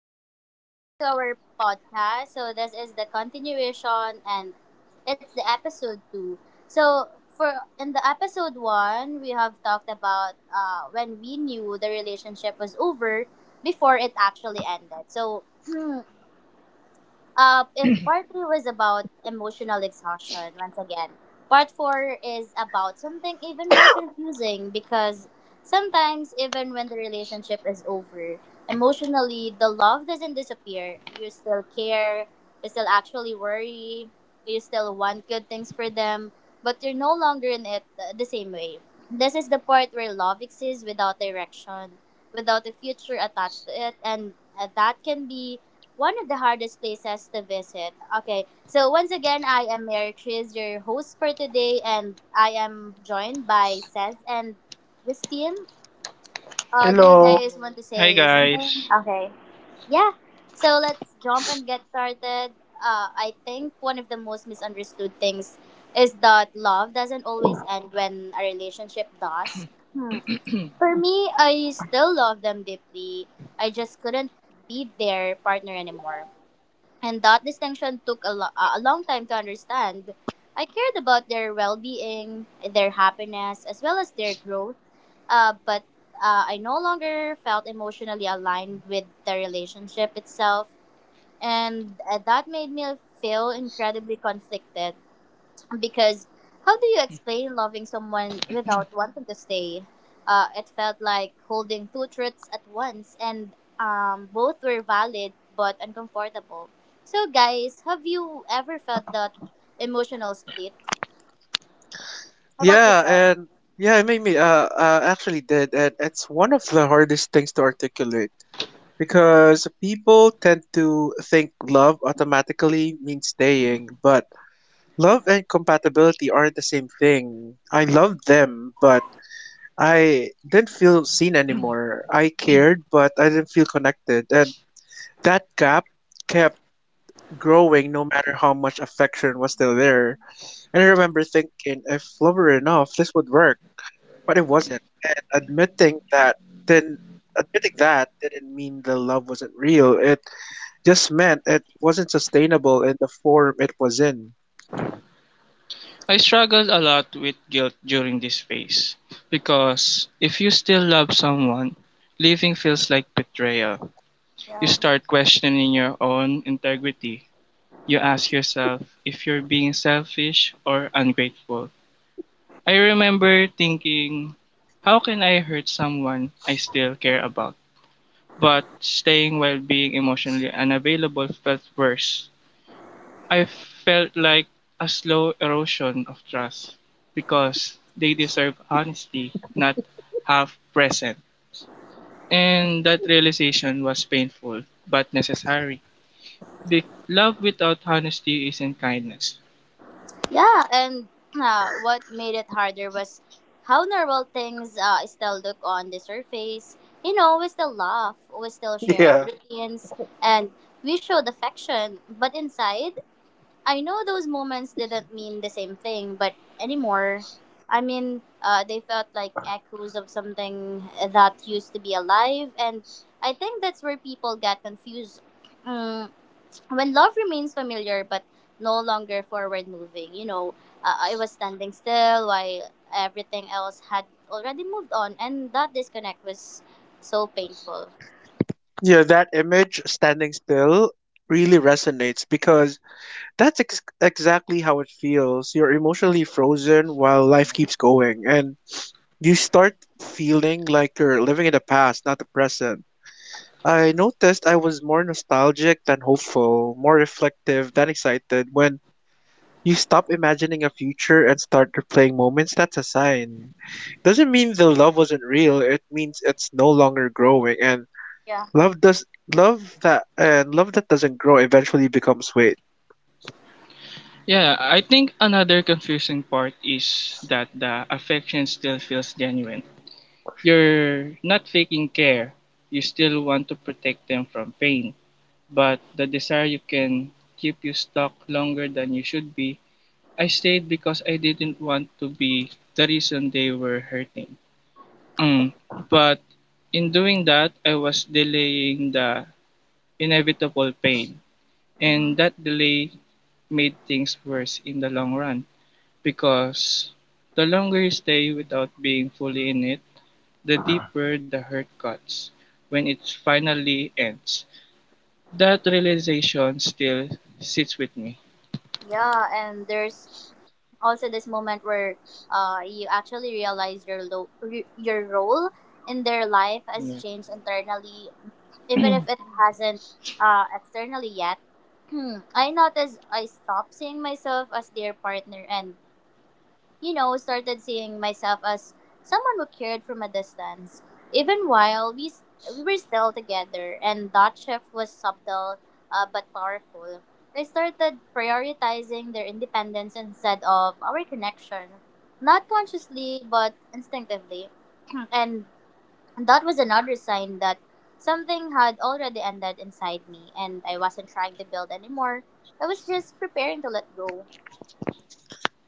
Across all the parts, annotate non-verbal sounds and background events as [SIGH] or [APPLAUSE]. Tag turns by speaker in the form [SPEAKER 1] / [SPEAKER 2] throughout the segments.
[SPEAKER 1] So, welcome back to our podcast. So, this is the continuation and it's the episode 2. So, for in the episode 1, we have talked about when we knew the relationship was over before it actually ended. So, [CLEARS THROAT] if part three was about emotional exhaustion, once again, part four is about something even more confusing because sometimes, even when the relationship is over, emotionally, the love doesn't disappear. You still care, you still actually worry, you still want good things for them, but you're no longer in it the same way. This is the part where love exists without direction, without a future attached to it, and that can be one of the hardest places to visit. Okay, so once again, I am Mary Chris, your host for today, and I am joined by Seth and Justine. Do you guys
[SPEAKER 2] Hello.
[SPEAKER 1] want to
[SPEAKER 3] Hi
[SPEAKER 1] say something?
[SPEAKER 3] guys.
[SPEAKER 1] Okay, yeah. So let's jump and get started. I think one of the most misunderstood things is that love doesn't always end when a relationship does. For me, I still love them deeply. I just couldn't be their partner anymore, and that distinction took a long time to understand. I cared about their well being, their happiness, as well as their growth, but I no longer felt emotionally aligned with the relationship itself, and that made me feel incredibly conflicted because how do you explain loving someone without wanting to stay? It felt like holding two truths at once, and both were valid but uncomfortable. So, guys, have you ever felt that emotional split? How about
[SPEAKER 2] Yeah,
[SPEAKER 1] yourself?
[SPEAKER 2] and yeah, it made me actually did, and it's one of the hardest things to articulate because people tend to think love automatically means staying, but love and compatibility aren't the same thing. I loved them, but I didn't feel seen anymore. I cared, but I didn't feel connected, and that gap kept growing no matter how much affection was still there. And I remember thinking, if love were enough, this would work but it wasn't. And then admitting that didn't mean the love wasn't real. It just meant it wasn't sustainable in the form it was in.
[SPEAKER 3] I struggled a lot with guilt during this phase because if you still love someone, leaving feels like betrayal. You start questioning your own integrity. You ask yourself if you're being selfish or ungrateful. I remember thinking, how can I hurt someone I still care about? But staying while being emotionally unavailable felt worse. I felt like a slow erosion of trust because they deserve honesty, not half present. And that realization was painful but necessary. Love without honesty isn't kindness.
[SPEAKER 1] Yeah, and what made it harder was how normal things still look on the surface. You know, we still laugh, we still share
[SPEAKER 2] Yeah.
[SPEAKER 1] routines, and we showed affection, but inside, I know those moments didn't mean the same thing, but anymore, I mean, they felt like echoes of something that used to be alive, and I think that's where people get confused. Mm, when love remains familiar but no longer forward moving, I was standing still while everything else had already moved on, and that disconnect was so painful.
[SPEAKER 2] Yeah, that image standing still really resonates because that's exactly how it feels. You're emotionally frozen while life keeps going and you start feeling like you're living in the past, not the present. I noticed I was more nostalgic than hopeful, more reflective than excited. When you stop imagining a future and start replaying moments, that's a sign. Doesn't mean the love wasn't real, it means it's no longer growing and
[SPEAKER 1] Yeah.
[SPEAKER 2] love does love that and love that doesn't grow eventually becomes weight.
[SPEAKER 3] Yeah, I think another confusing part is that the affection still feels genuine. You're not faking care. You still want to protect them from pain, but the desire you can keep you stuck longer than you should be. I stayed because I didn't want to be the reason they were hurting. Mm. But in doing that, I was delaying the inevitable pain.
[SPEAKER 1] Mm-hmm.
[SPEAKER 3] And that delay made things worse in the long run because the longer you stay without being fully in it, the deeper the hurt cuts when it finally ends. That realization still sits with me.
[SPEAKER 1] Yeah, and there's also this moment where you actually realize your role in their life has
[SPEAKER 3] Yeah.
[SPEAKER 1] changed internally, even if it hasn't externally yet. [CLEARS THROAT] I noticed I stopped seeing myself as their partner and started seeing myself as someone who cared from a distance, even while we were still together, and that shift was subtle but powerful. I started prioritizing their independence instead of our connection, not consciously but instinctively. And that was another sign that something had already ended inside me, and I wasn't trying to build anymore. I was just preparing to let go.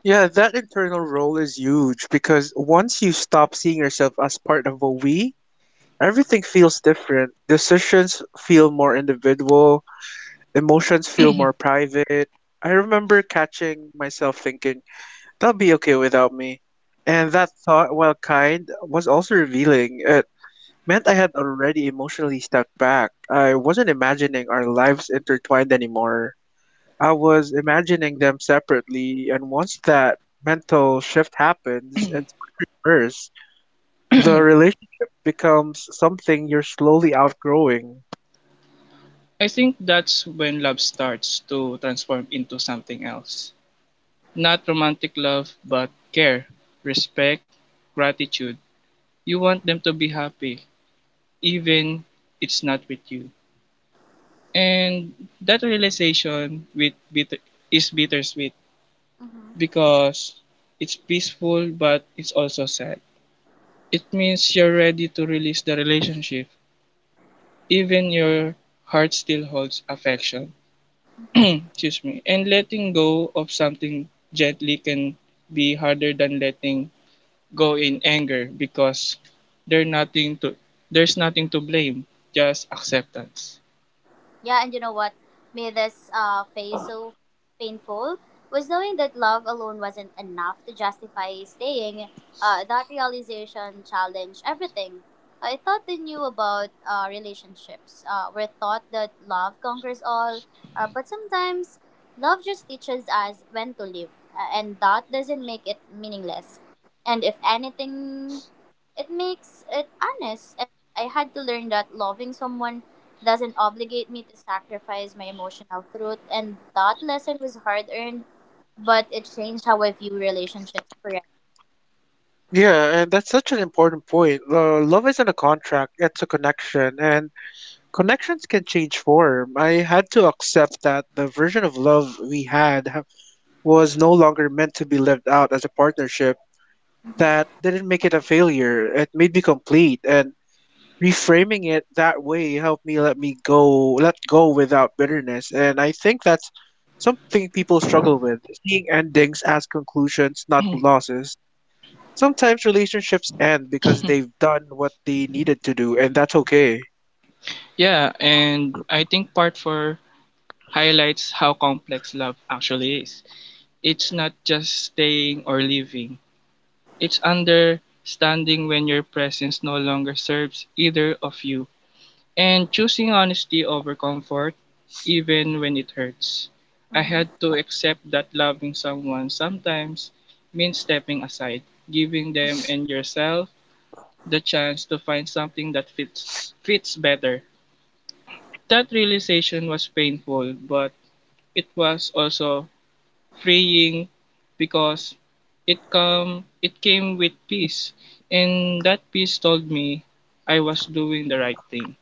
[SPEAKER 2] Yeah, that internal role is huge because once you stop seeing yourself as part of a we, everything feels different. Decisions feel more individual. Emotions feel more private. I remember catching myself thinking, they'll be okay without me. And that thought, while kind, was also revealing. It meant I had already emotionally stepped back. I wasn't imagining our lives intertwined anymore. I was imagining them separately, and once that mental shift happens, it's hard to reverse. The relationship becomes something you're slowly outgrowing.
[SPEAKER 3] I think that's when love starts to transform into something else. Not romantic love, but care, respect, gratitude. You want them to be happy, even it's not with you. And that realization is bittersweet
[SPEAKER 1] Mm-hmm.
[SPEAKER 3] because it's peaceful, but it's also sad. It means you're ready to release the relationship, even your heart still holds affection. [CLEARS THROAT] Excuse me. And letting go of something gently can be harder than letting go in anger because there's nothing to there's nothing to blame, just acceptance.
[SPEAKER 1] Yeah, and you know what made this phase so painful was knowing that love alone wasn't enough to justify staying. That realization challenged everything. I thought they knew about relationships. We're taught that love conquers all, but sometimes love just teaches us when to live, and that doesn't make it meaningless. And if anything, it makes it honest, and I had to learn that loving someone doesn't obligate me to sacrifice my emotional truth, and that lesson was hard earned, but it changed how I view relationships forever.
[SPEAKER 2] Yeah, and that's such an important point. Love isn't a contract, it's a connection, and connections can change form. I had to accept that the version of love we had was no longer meant to be lived out as a partnership. That didn't make it a failure, it made me complete, and reframing it that way helped me let go without bitterness. And I think that's something people struggle with, seeing endings as conclusions, not losses. Sometimes relationships end because they've done what they needed to do, and that's okay.
[SPEAKER 3] Yeah, and I think part 4 highlights how complex love actually is. It's not just staying or leaving. It's understanding when your presence no longer serves either of you, and choosing honesty over comfort, even when it hurts. I had
[SPEAKER 1] Hmm.
[SPEAKER 3] to accept that loving someone sometimes means stepping aside, giving them and yourself the chance to find something that fits better. That realization was painful, but it was also freeing because it came with peace, and that peace told me I was doing the right thing.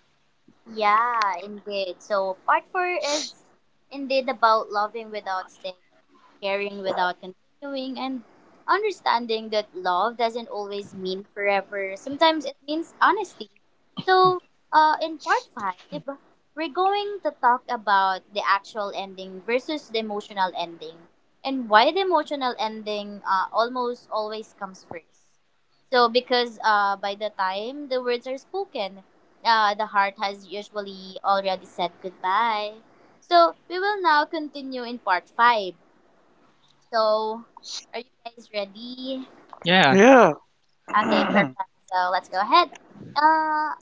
[SPEAKER 1] Yeah, indeed. So part four is indeed about loving without staying, caring without continuing, and understanding that love doesn't always mean forever. Sometimes it means honesty. So, in part five, we're going to talk about the actual ending versus the emotional ending, and why the emotional ending almost always comes first. So, because by the time the words are spoken, the heart has usually already said goodbye. So, we will now continue in part 5. So, are you guys ready?
[SPEAKER 3] Yeah.
[SPEAKER 2] Yeah.
[SPEAKER 1] Okay,
[SPEAKER 2] [CLEARS THROAT]
[SPEAKER 1] perfect. So let's go ahead. Uh,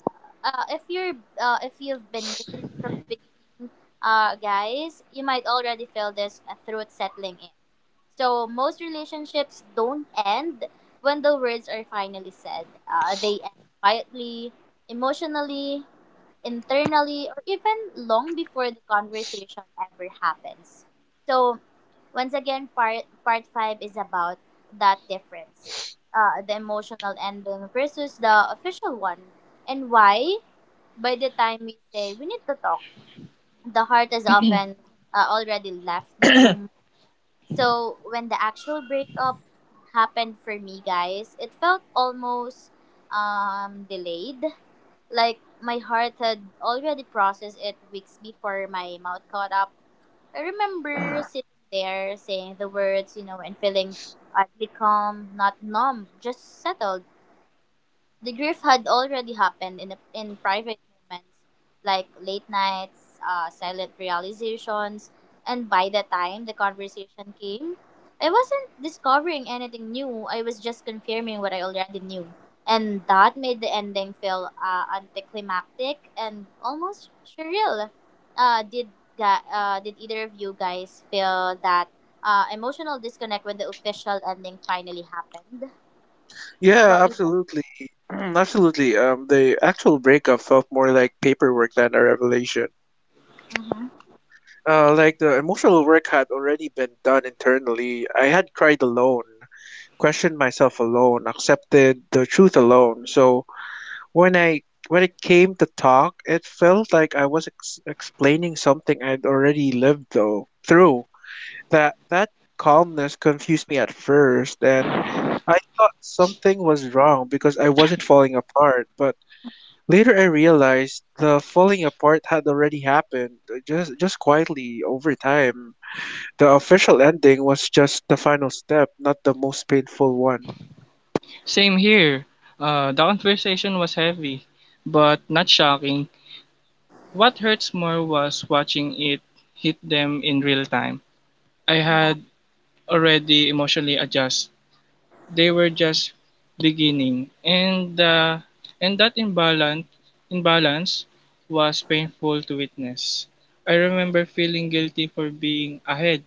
[SPEAKER 1] if you've been listening from the beginning, guys, you might already feel this truth settling in. So most relationships don't end when the words are finally said. They end quietly, emotionally, internally, or even long before the conversation ever happens. So once again, part five is about that difference, the emotional ending versus the official one, and why. By the time we say we need to talk, the heart has often already left the room. So when the actual breakup happened for me, guys, it felt almost delayed. Like my heart had already processed it weeks before my mouth caught up. I remember sitting there saying the words, and feeling oddly calm, not numb, just settled. The grief had already happened in private moments like late nights, silent realizations, and by the time the conversation came, I wasn't discovering anything new. I was just confirming what I already knew. And that made the ending feel anticlimactic and almost surreal. Uh, did, did either of you guys feel that emotional disconnect when the official ending finally happened? How
[SPEAKER 2] Yeah,
[SPEAKER 1] about you
[SPEAKER 2] absolutely. [CLEARS THROAT] Absolutely. The actual breakup felt more like paperwork than a revelation. Like the emotional work had already been done internally. I had cried alone, questioned myself alone, accepted the truth alone. So when I when it came to talk, it felt like I was explaining something I'd already lived though through. That calmness confused me at first, and I thought something was wrong because I wasn't falling apart. But later I realized the falling apart had already happened, just quietly over time. The official ending was just the final step, not the most painful one.
[SPEAKER 3] Same here. The conversation was heavy, but not shocking. What hurts more was watching it hit them in real time. I
[SPEAKER 1] guys?
[SPEAKER 3] had already emotionally adjusted. They were just beginning, and and that imbalance was painful to witness. I remember feeling guilty for being ahead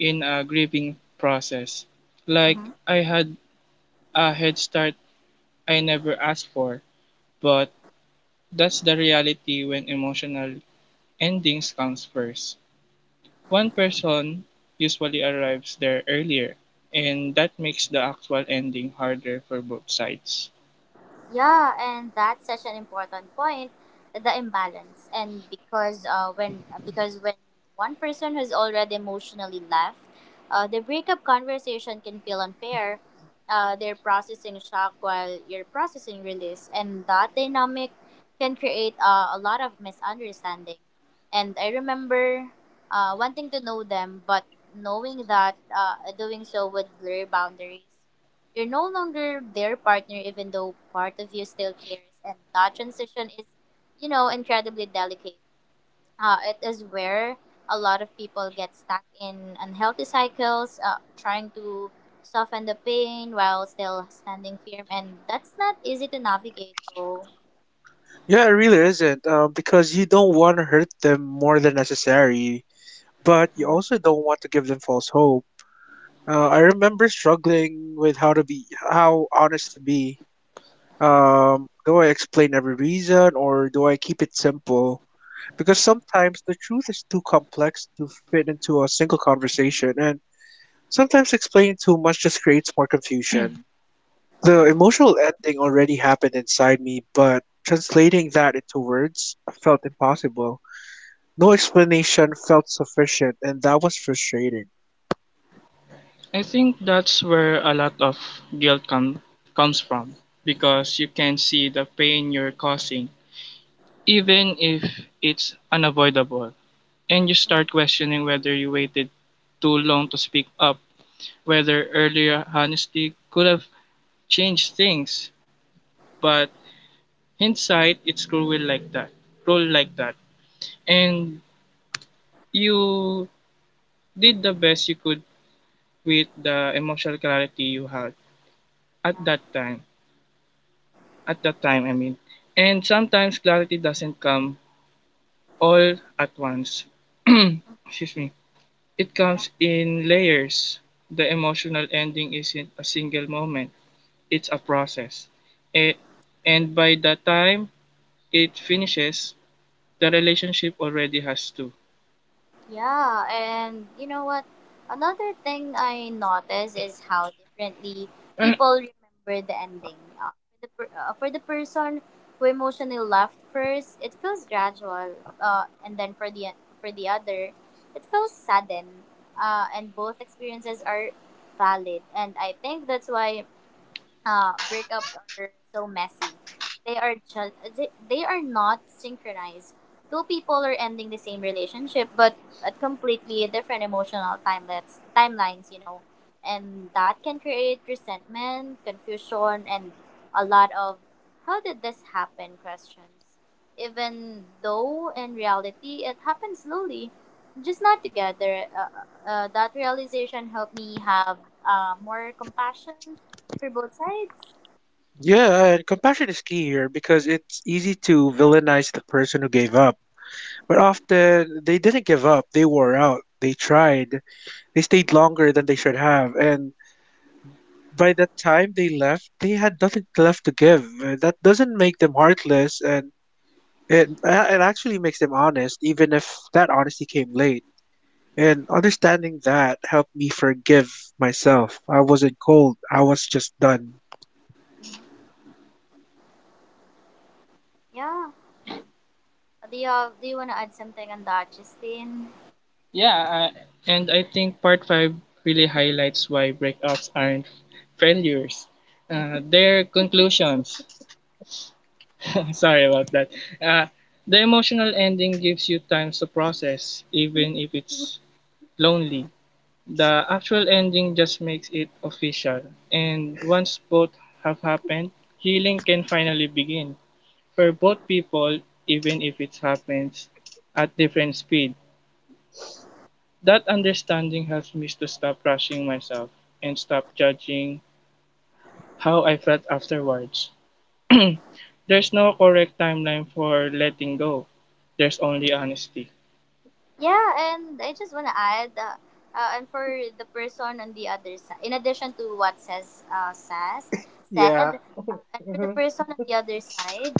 [SPEAKER 3] in a grieving process, like I had a head start I never asked for. But that's the reality when emotional endings comes first. One person usually arrives there earlier, and that makes the actual ending harder for both sides.
[SPEAKER 1] Yeah, and that's such an important point, the imbalance. And because when one person has already emotionally left, the breakup conversation can feel unfair. They're processing shock while you're processing release, and that dynamic can create a lot of misunderstanding. And I remember wanting to know them, but knowing that doing so would blur boundaries. You're no longer their partner, even though part of you still cares. And that transition is, incredibly delicate. It is where a lot of people get stuck in unhealthy cycles, trying to soften the pain while still standing firm. And that's not easy to navigate, though.
[SPEAKER 2] Yeah, it really isn't. Because you don't want to hurt them more than necessary, but you also don't want to give them false hope. I remember struggling with how honest to be. Do I explain every reason or do I keep it simple? Because sometimes the truth is too complex to fit into a single conversation, and sometimes explaining too much just creates more confusion. The emotional ending already happened inside me, but translating that into words felt impossible. No explanation felt sufficient, and that was frustrating.
[SPEAKER 3] I think that's where a lot of guilt com- comes from, because you can see the pain you're causing, even if it's unavoidable, and you start questioning whether you waited too long to speak up, whether earlier honesty could have changed things, but hindsight it's cruel like that. And you did the best you could with the emotional clarity you had at that time at that time, I mean. And sometimes clarity doesn't come all at once. [CLEARS THROAT] Excuse me. It
[SPEAKER 1] Yeah.
[SPEAKER 3] comes in layers. The emotional ending isn't a single moment, it's a process, it, and by the time it finishes the relationship already has to.
[SPEAKER 1] Yeah, and you know what? Another thing I noticed is how differently
[SPEAKER 3] [CLEARS THROAT]
[SPEAKER 1] people remember the ending. For the person who emotionally left first, it feels gradual, and then for the other, it feels sudden. And both experiences are valid, and I think that's why breakups are so messy. They are not synchronized. Two people are ending the same relationship, but at completely different emotional timelets timelines, and that can create resentment, confusion, and a lot of "how did this happen?" questions. Even though in reality it happens slowly, just not together. That realization helped me have more compassion for both sides.
[SPEAKER 2] Yeah, and compassion is key here because it's easy to villainize the person who gave up. But often they didn't give up, they wore out, they tried, they stayed longer than they should have, and by the time they left, they had nothing left to give. That doesn't make them heartless, and it actually makes them honest, even if that honesty came late. And understanding that helped me forgive myself. I wasn't cold. I was just done.
[SPEAKER 1] Yeah. Do you want to add something on that, Justine?
[SPEAKER 3] Yeah, and I think part 5 really highlights why breakups aren't failures. Their conclusions. [LAUGHS] Sorry about that. Uh, the emotional ending gives you time to process, even if it's lonely. The actual ending just makes it official. And once both have happened, healing can finally begin for both people, even if it happens at different speeds. That understanding helps me to stop rushing myself and stop judging how I felt afterwards. [CLEARS THROAT] There's no correct timeline for letting go. There's only honesty.
[SPEAKER 1] Yeah, and I just want to add, and for the person on the other side, in addition to what says
[SPEAKER 2] Yeah.
[SPEAKER 1] said, and for the person on the other side,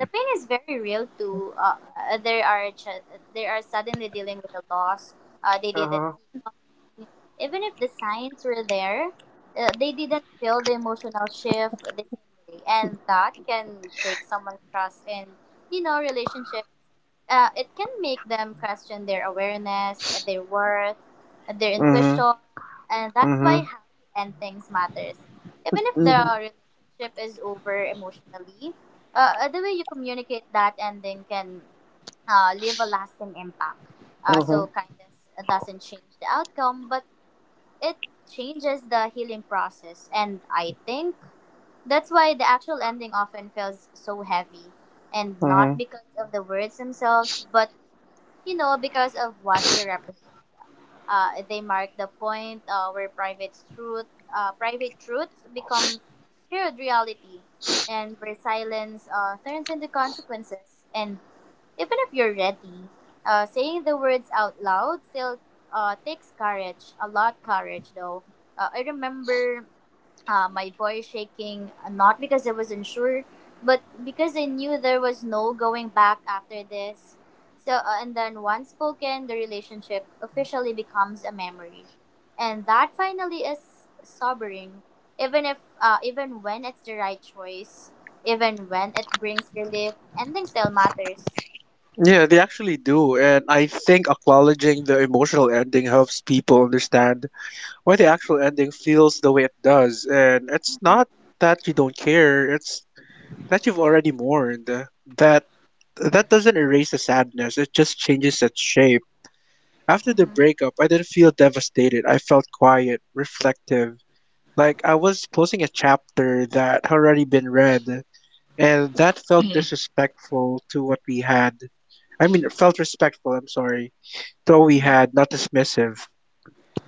[SPEAKER 1] the pain is very real too. There are suddenly dealing with a loss they didn't see
[SPEAKER 2] Uh-huh.
[SPEAKER 1] coming. Even if the signs were there, they didn't feel the emotional shift the same way, and that can shake someone's trust in relationships. It can make them question their awareness, their worth, their
[SPEAKER 2] Mhm.
[SPEAKER 1] intuition, and that's why
[SPEAKER 2] Mhm.
[SPEAKER 1] how you end things matters. Even if the
[SPEAKER 2] Mhm.
[SPEAKER 1] relationship is over emotionally, the way you communicate that ending can leave a lasting impact.
[SPEAKER 2] Mhm.
[SPEAKER 1] So kindness doesn't change the outcome, but it changes the healing process, and I think that's why the actual ending often feels so heavy, and not
[SPEAKER 2] Mhm.
[SPEAKER 1] because of the words themselves, but because of what they represent. They mark the point where private truths become shared reality, and where silence turns into consequences. And even if you're ready, saying the words out loud still takes courage, a lot courage though. I remember my voice shaking, not because I was unsure, but because I knew there was no going back after this. So, and then once spoken, the relationship officially becomes a memory, and that finally is sobering. Even if, Even when it's the right choice, even when it brings relief, ending still matters.
[SPEAKER 2] Yeah, they actually do, and I think acknowledging the emotional ending helps people understand why the actual ending feels the way it does. And it's not that you don't care, it's that you've already mourned. That that doesn't erase the sadness, it just changes its shape. After the
[SPEAKER 1] Mm-hmm.
[SPEAKER 2] breakup, I didn't feel devastated. I felt quiet, reflective. Like I was closing a chapter that had already been read, and that felt disrespectful to what we had. I mean, it felt respectful, I'm sorry, to what we had, not dismissive.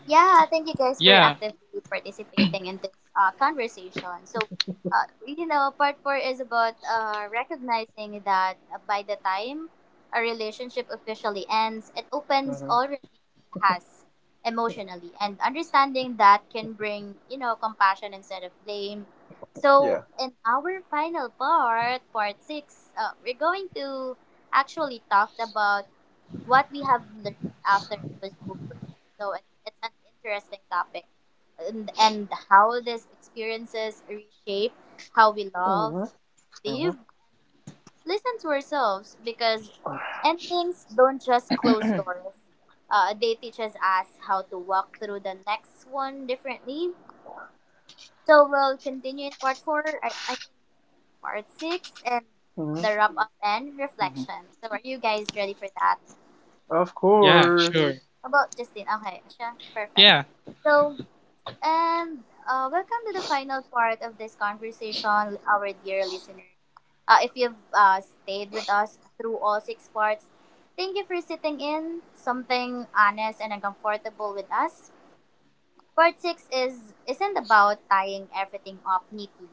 [SPEAKER 1] Yeah, thank you guys for
[SPEAKER 3] Yeah.
[SPEAKER 1] actively participating in this conversation. So, part four is about recognizing that by the time a relationship officially ends, it opens
[SPEAKER 2] Mhm,
[SPEAKER 1] already has emotionally, and understanding that can bring compassion instead of blame. So, in our final part, part six, we're going to actually talk about what we have learned after it was over. So it's an interesting topic, and how these experiences reshape how we love,
[SPEAKER 2] mhm,
[SPEAKER 1] live, listen to ourselves because endings don't just close doors. They teaches us how to walk through the next one differently. So we'll continue in part four. I mean part six and
[SPEAKER 2] mhm.
[SPEAKER 1] the wrap up and
[SPEAKER 3] Mhm.
[SPEAKER 1] reflection. So are you guys ready for that?
[SPEAKER 2] Of
[SPEAKER 3] Yeah, sure.
[SPEAKER 2] course.
[SPEAKER 1] About Justine. Okay, siya. Perfect.
[SPEAKER 3] Yeah,
[SPEAKER 1] So, and welcome to the final part of this conversation, our dear listeners. If you've stayed with us through all six parts, thank you for sitting in something honest and uncomfortable with us. Part six is isn't about tying everything up neatly.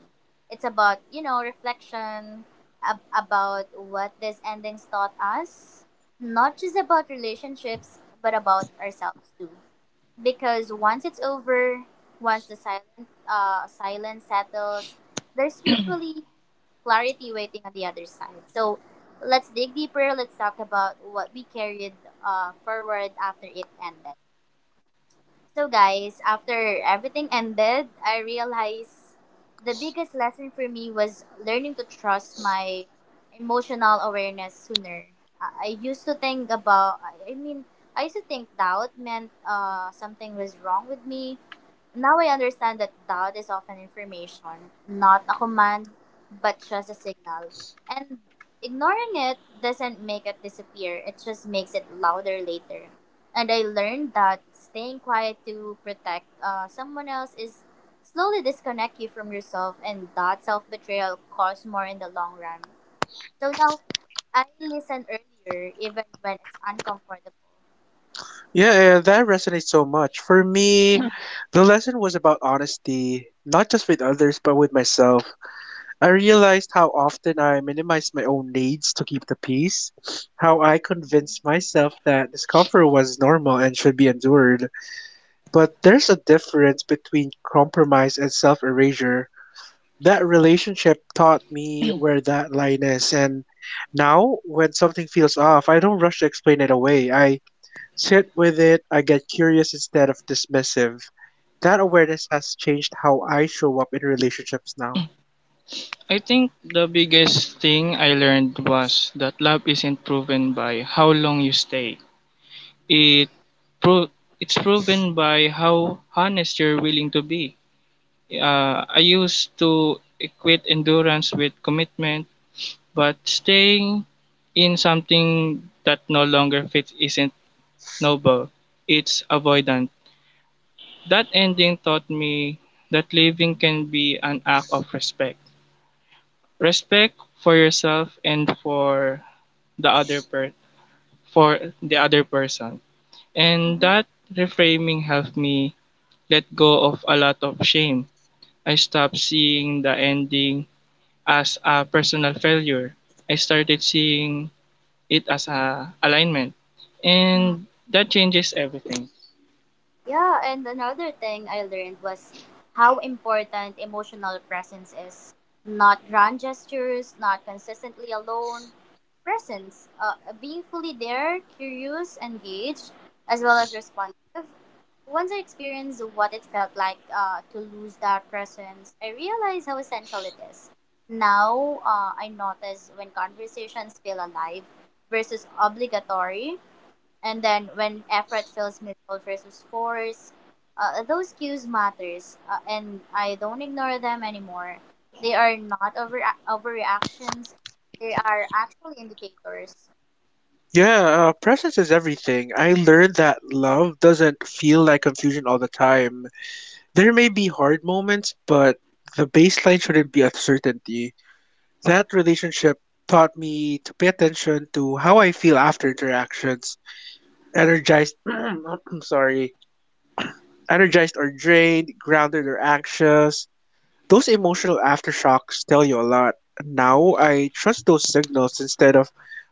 [SPEAKER 1] It's about reflection about what these endings taught us, not just about relationships but about ourselves too because once it's over, once the silent silence settles, there's usually clarity waiting on the other side. So let's dig deeper. Let's talk about what we carried forward after it ended. So guys, after everything ended, I realized the biggest lesson for me was learning to trust my emotional awareness sooner. I used to think about, I mean, I used to think doubt meant something was wrong with me now I understand that doubt is often information, not a command, but just a signal. And ignoring it doesn't make it disappear, it just makes it louder later. And I learned that staying quiet to protect someone else is slowly disconnect you from yourself, and that self betrayal costs more in the long run. So now I listen earlier, even when it's uncomfortable.
[SPEAKER 2] Yeah, yeah, that resonates so much. For me, the lesson was about honesty, not just with others, but with myself. I realized how often I minimized my own needs to keep the peace, how I convinced myself that discomfort was normal and should be endured. But there's a difference between compromise and self erasure. That relationship taught me where that line is, and now when something feels off, I don't rush to explain it away. I sit with it. I get curious instead of dismissive. That awareness has changed how I show up in relationships now.
[SPEAKER 3] I think the biggest thing I learned was that love isn't proven by how long you stay. It pro-, it's proven by how honest you're willing to be. I used to equate endurance with commitment, but staying in something that no longer fits isn't noble, it's avoidant. That ending taught me that living can be an act of respect. Respect for yourself and for the other per- for the other person. And that reframing helped me let go of a lot of shame. I stopped seeing the ending as a personal failure. I started seeing it as a alignment, and that changes everything.
[SPEAKER 1] Yeah, and another thing I learned was how important emotional presence is. Not grand gestures, not consistently alone. Presence, being fully there, curious, engaged, as well as responsive. Once I experienced what it felt like to lose that presence, I realized how essential it is. Now, I notice when conversations feel alive versus obligatory, and then when effort feels mutual versus force those cues matters and I don't ignore them anymore. They are not overreactions. They are actual indicators.
[SPEAKER 2] Yeah, presence is everything. I learned that love doesn't feel like confusion all the time. There may be hard moments, but the baseline shouldn't be uncertainty. That relationship taught me to pay attention to how I feel after interactions. Energized, [CLEARS THROAT] I'm sorry, energized or drained, grounded or anxious. Those emotional aftershocks tell you a lot. Now I trust those signals instead of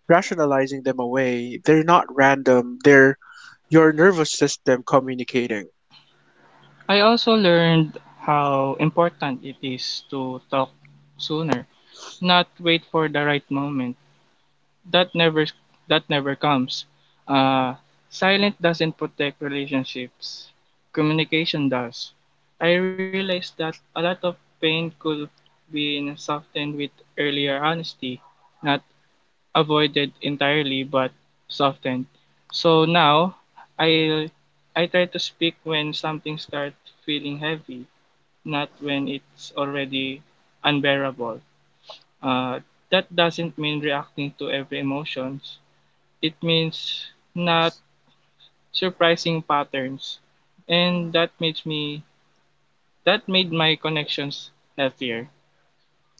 [SPEAKER 2] rationalizing them away. They're not random, they're your nervous system communicating.
[SPEAKER 3] I also learned how important it is to talk sooner, not wait for the right moment that never that never comes. uh Silent doesn't protect relationships, communication does. I realized that a lot of pain could be softened with earlier honesty, not avoided entirely but softened. So now I I try to speak when something starts feeling heavy, not when it's already unbearable. Uh, that doesn't mean reacting to every emotions. It means not surprising patterns, and that makes me that made my connections healthier.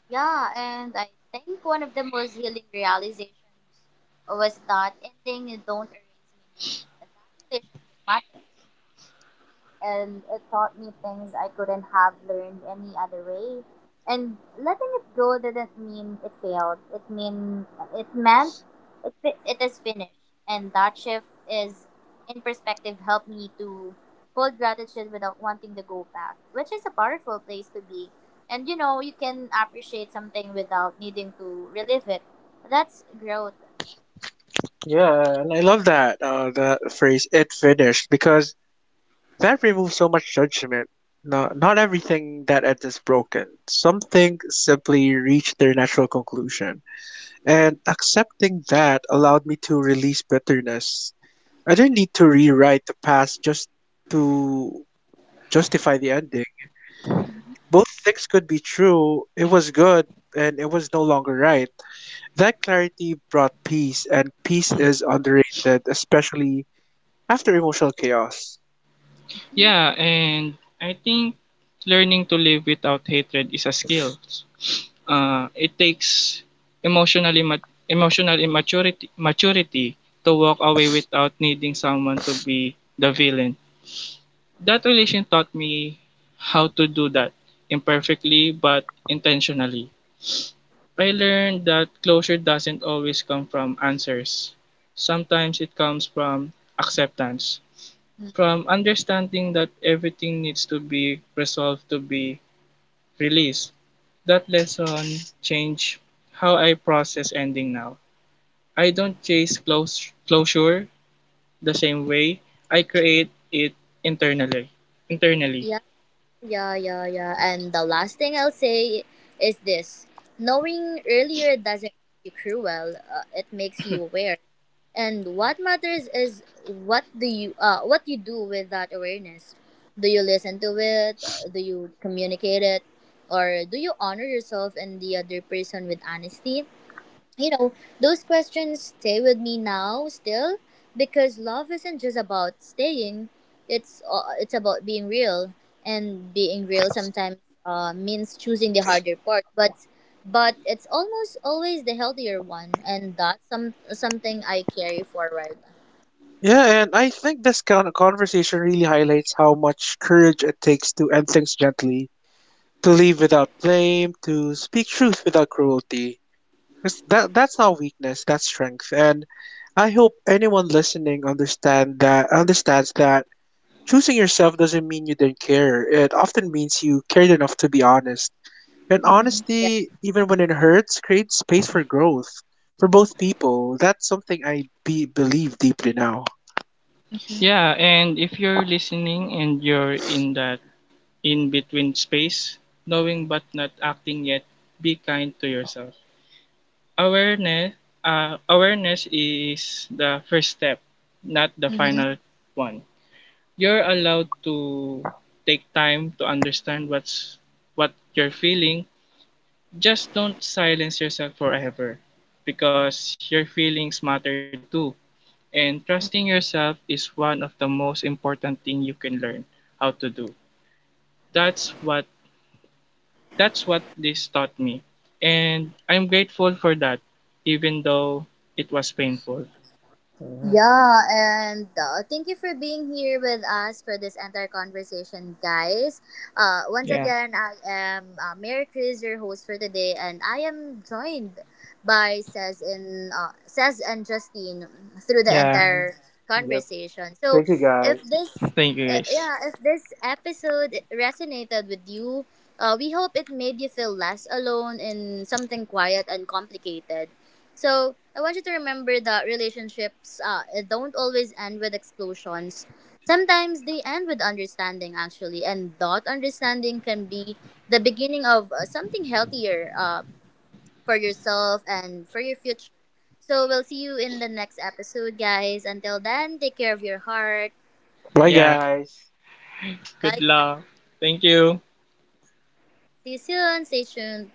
[SPEAKER 1] Yeah, and I think one of the most healing realizations was that ending don't erase meaning that relationship matters and it taught me things I couldn't have learned any other way. And letting it go didn't mean it failed. It meant it is finished. And that shift is in perspective helped me to hold gratitude without wanting to go back, which is a powerful place to be. And you know, you can appreciate something without needing to relive it. That's growth.
[SPEAKER 2] Yeah, and I love that phrase "it finished" because that removes so much judgment. No, not everything that ends is broken. Something simply reached their natural conclusion, and accepting that allowed me to release bitterness. I didn't need to rewrite the past just to justify the ending. Both things could be true. It was good and it was no longer right. That clarity brought peace, and peace is underrated, especially after emotional chaos.
[SPEAKER 1] Mhm.
[SPEAKER 3] Yeah, and I think learning to live without hatred is a skill. Uh, it takes emotionally mat emotional immaturity maturity to walk away without needing someone to be the villain. That relation taught me how to do that imperfectly but intentionally. I learned that closure doesn't always come from answers. Sometimes it comes from acceptance, from understanding that everything needs to be resolved to be release. That lesson changed how I process ending now. I don't chase close closure the same way. I create it internally. Internally.
[SPEAKER 1] Yeah, yeah, yeah. And the last thing I'll say is this knowing earlier doesn't make you cruel, it makes you aware. And what matters is what you do with that awareness. Do you listen to it? Do you communicate it? Or do you honor yourself and the other person with honesty? You know, those questions stay with me now still because love isn't just about staying. It's about being real, and being real sometimes means choosing the harder part, but it's almost always the healthier one, and that's something I carry forward.
[SPEAKER 2] Yeah, and I think this kind of conversation really highlights how much courage it takes to end things gently, to leave without blame, to speak truth without cruelty. That's not weakness, that's strength. And I hope anyone listening understands that choosing yourself doesn't mean you did not care. It often means you cared enough to be honest. And
[SPEAKER 1] Mm-hmm. Yeah.
[SPEAKER 2] honesty, even when it hurts, creates space for growth for both people. That's something I believe deeply now.
[SPEAKER 3] Yeah, and if you're listening and you're in that in between space, knowing but not acting yet, be kind to yourself. Awareness Awareness is the first step, not the
[SPEAKER 1] Mm-hmm.
[SPEAKER 3] final one. You're allowed to take time to understand what you're feeling. Just don't silence yourself forever because your feelings matter too, and trusting yourself is one of the most important thing you can learn how to do. that's what that's what this taught me, and I'm grateful for that even though it was painful.
[SPEAKER 2] Uh-huh,
[SPEAKER 1] Yeah, and thank you for being here with us for this entire conversation, guys. Once
[SPEAKER 3] Yeah.
[SPEAKER 1] again, I am Mary Chris, your host for today, and I am joined by Cez and Justine through the
[SPEAKER 3] Yeah,
[SPEAKER 2] uh-huh.
[SPEAKER 1] entire
[SPEAKER 2] Yep.
[SPEAKER 1] conversation. So,
[SPEAKER 2] Thank you,
[SPEAKER 1] if
[SPEAKER 2] guys.
[SPEAKER 1] this,
[SPEAKER 3] thank you guys.
[SPEAKER 1] yeah, if this episode resonated with you, we hope it made you feel less alone in something quiet and complicated. So I want you to remember that relationships don't always end with explosions. Sometimes they end with understanding, actually, and that understanding can be the beginning of something healthier for yourself and for your future. So we'll see you in the next episode, guys. Until then, take care of your heart.
[SPEAKER 2] Bye,
[SPEAKER 3] Yeah,
[SPEAKER 2] guys.
[SPEAKER 3] good
[SPEAKER 1] Bye,
[SPEAKER 3] luck.
[SPEAKER 1] guys.
[SPEAKER 3] Thank you.
[SPEAKER 1] See you soon. Stay tuned.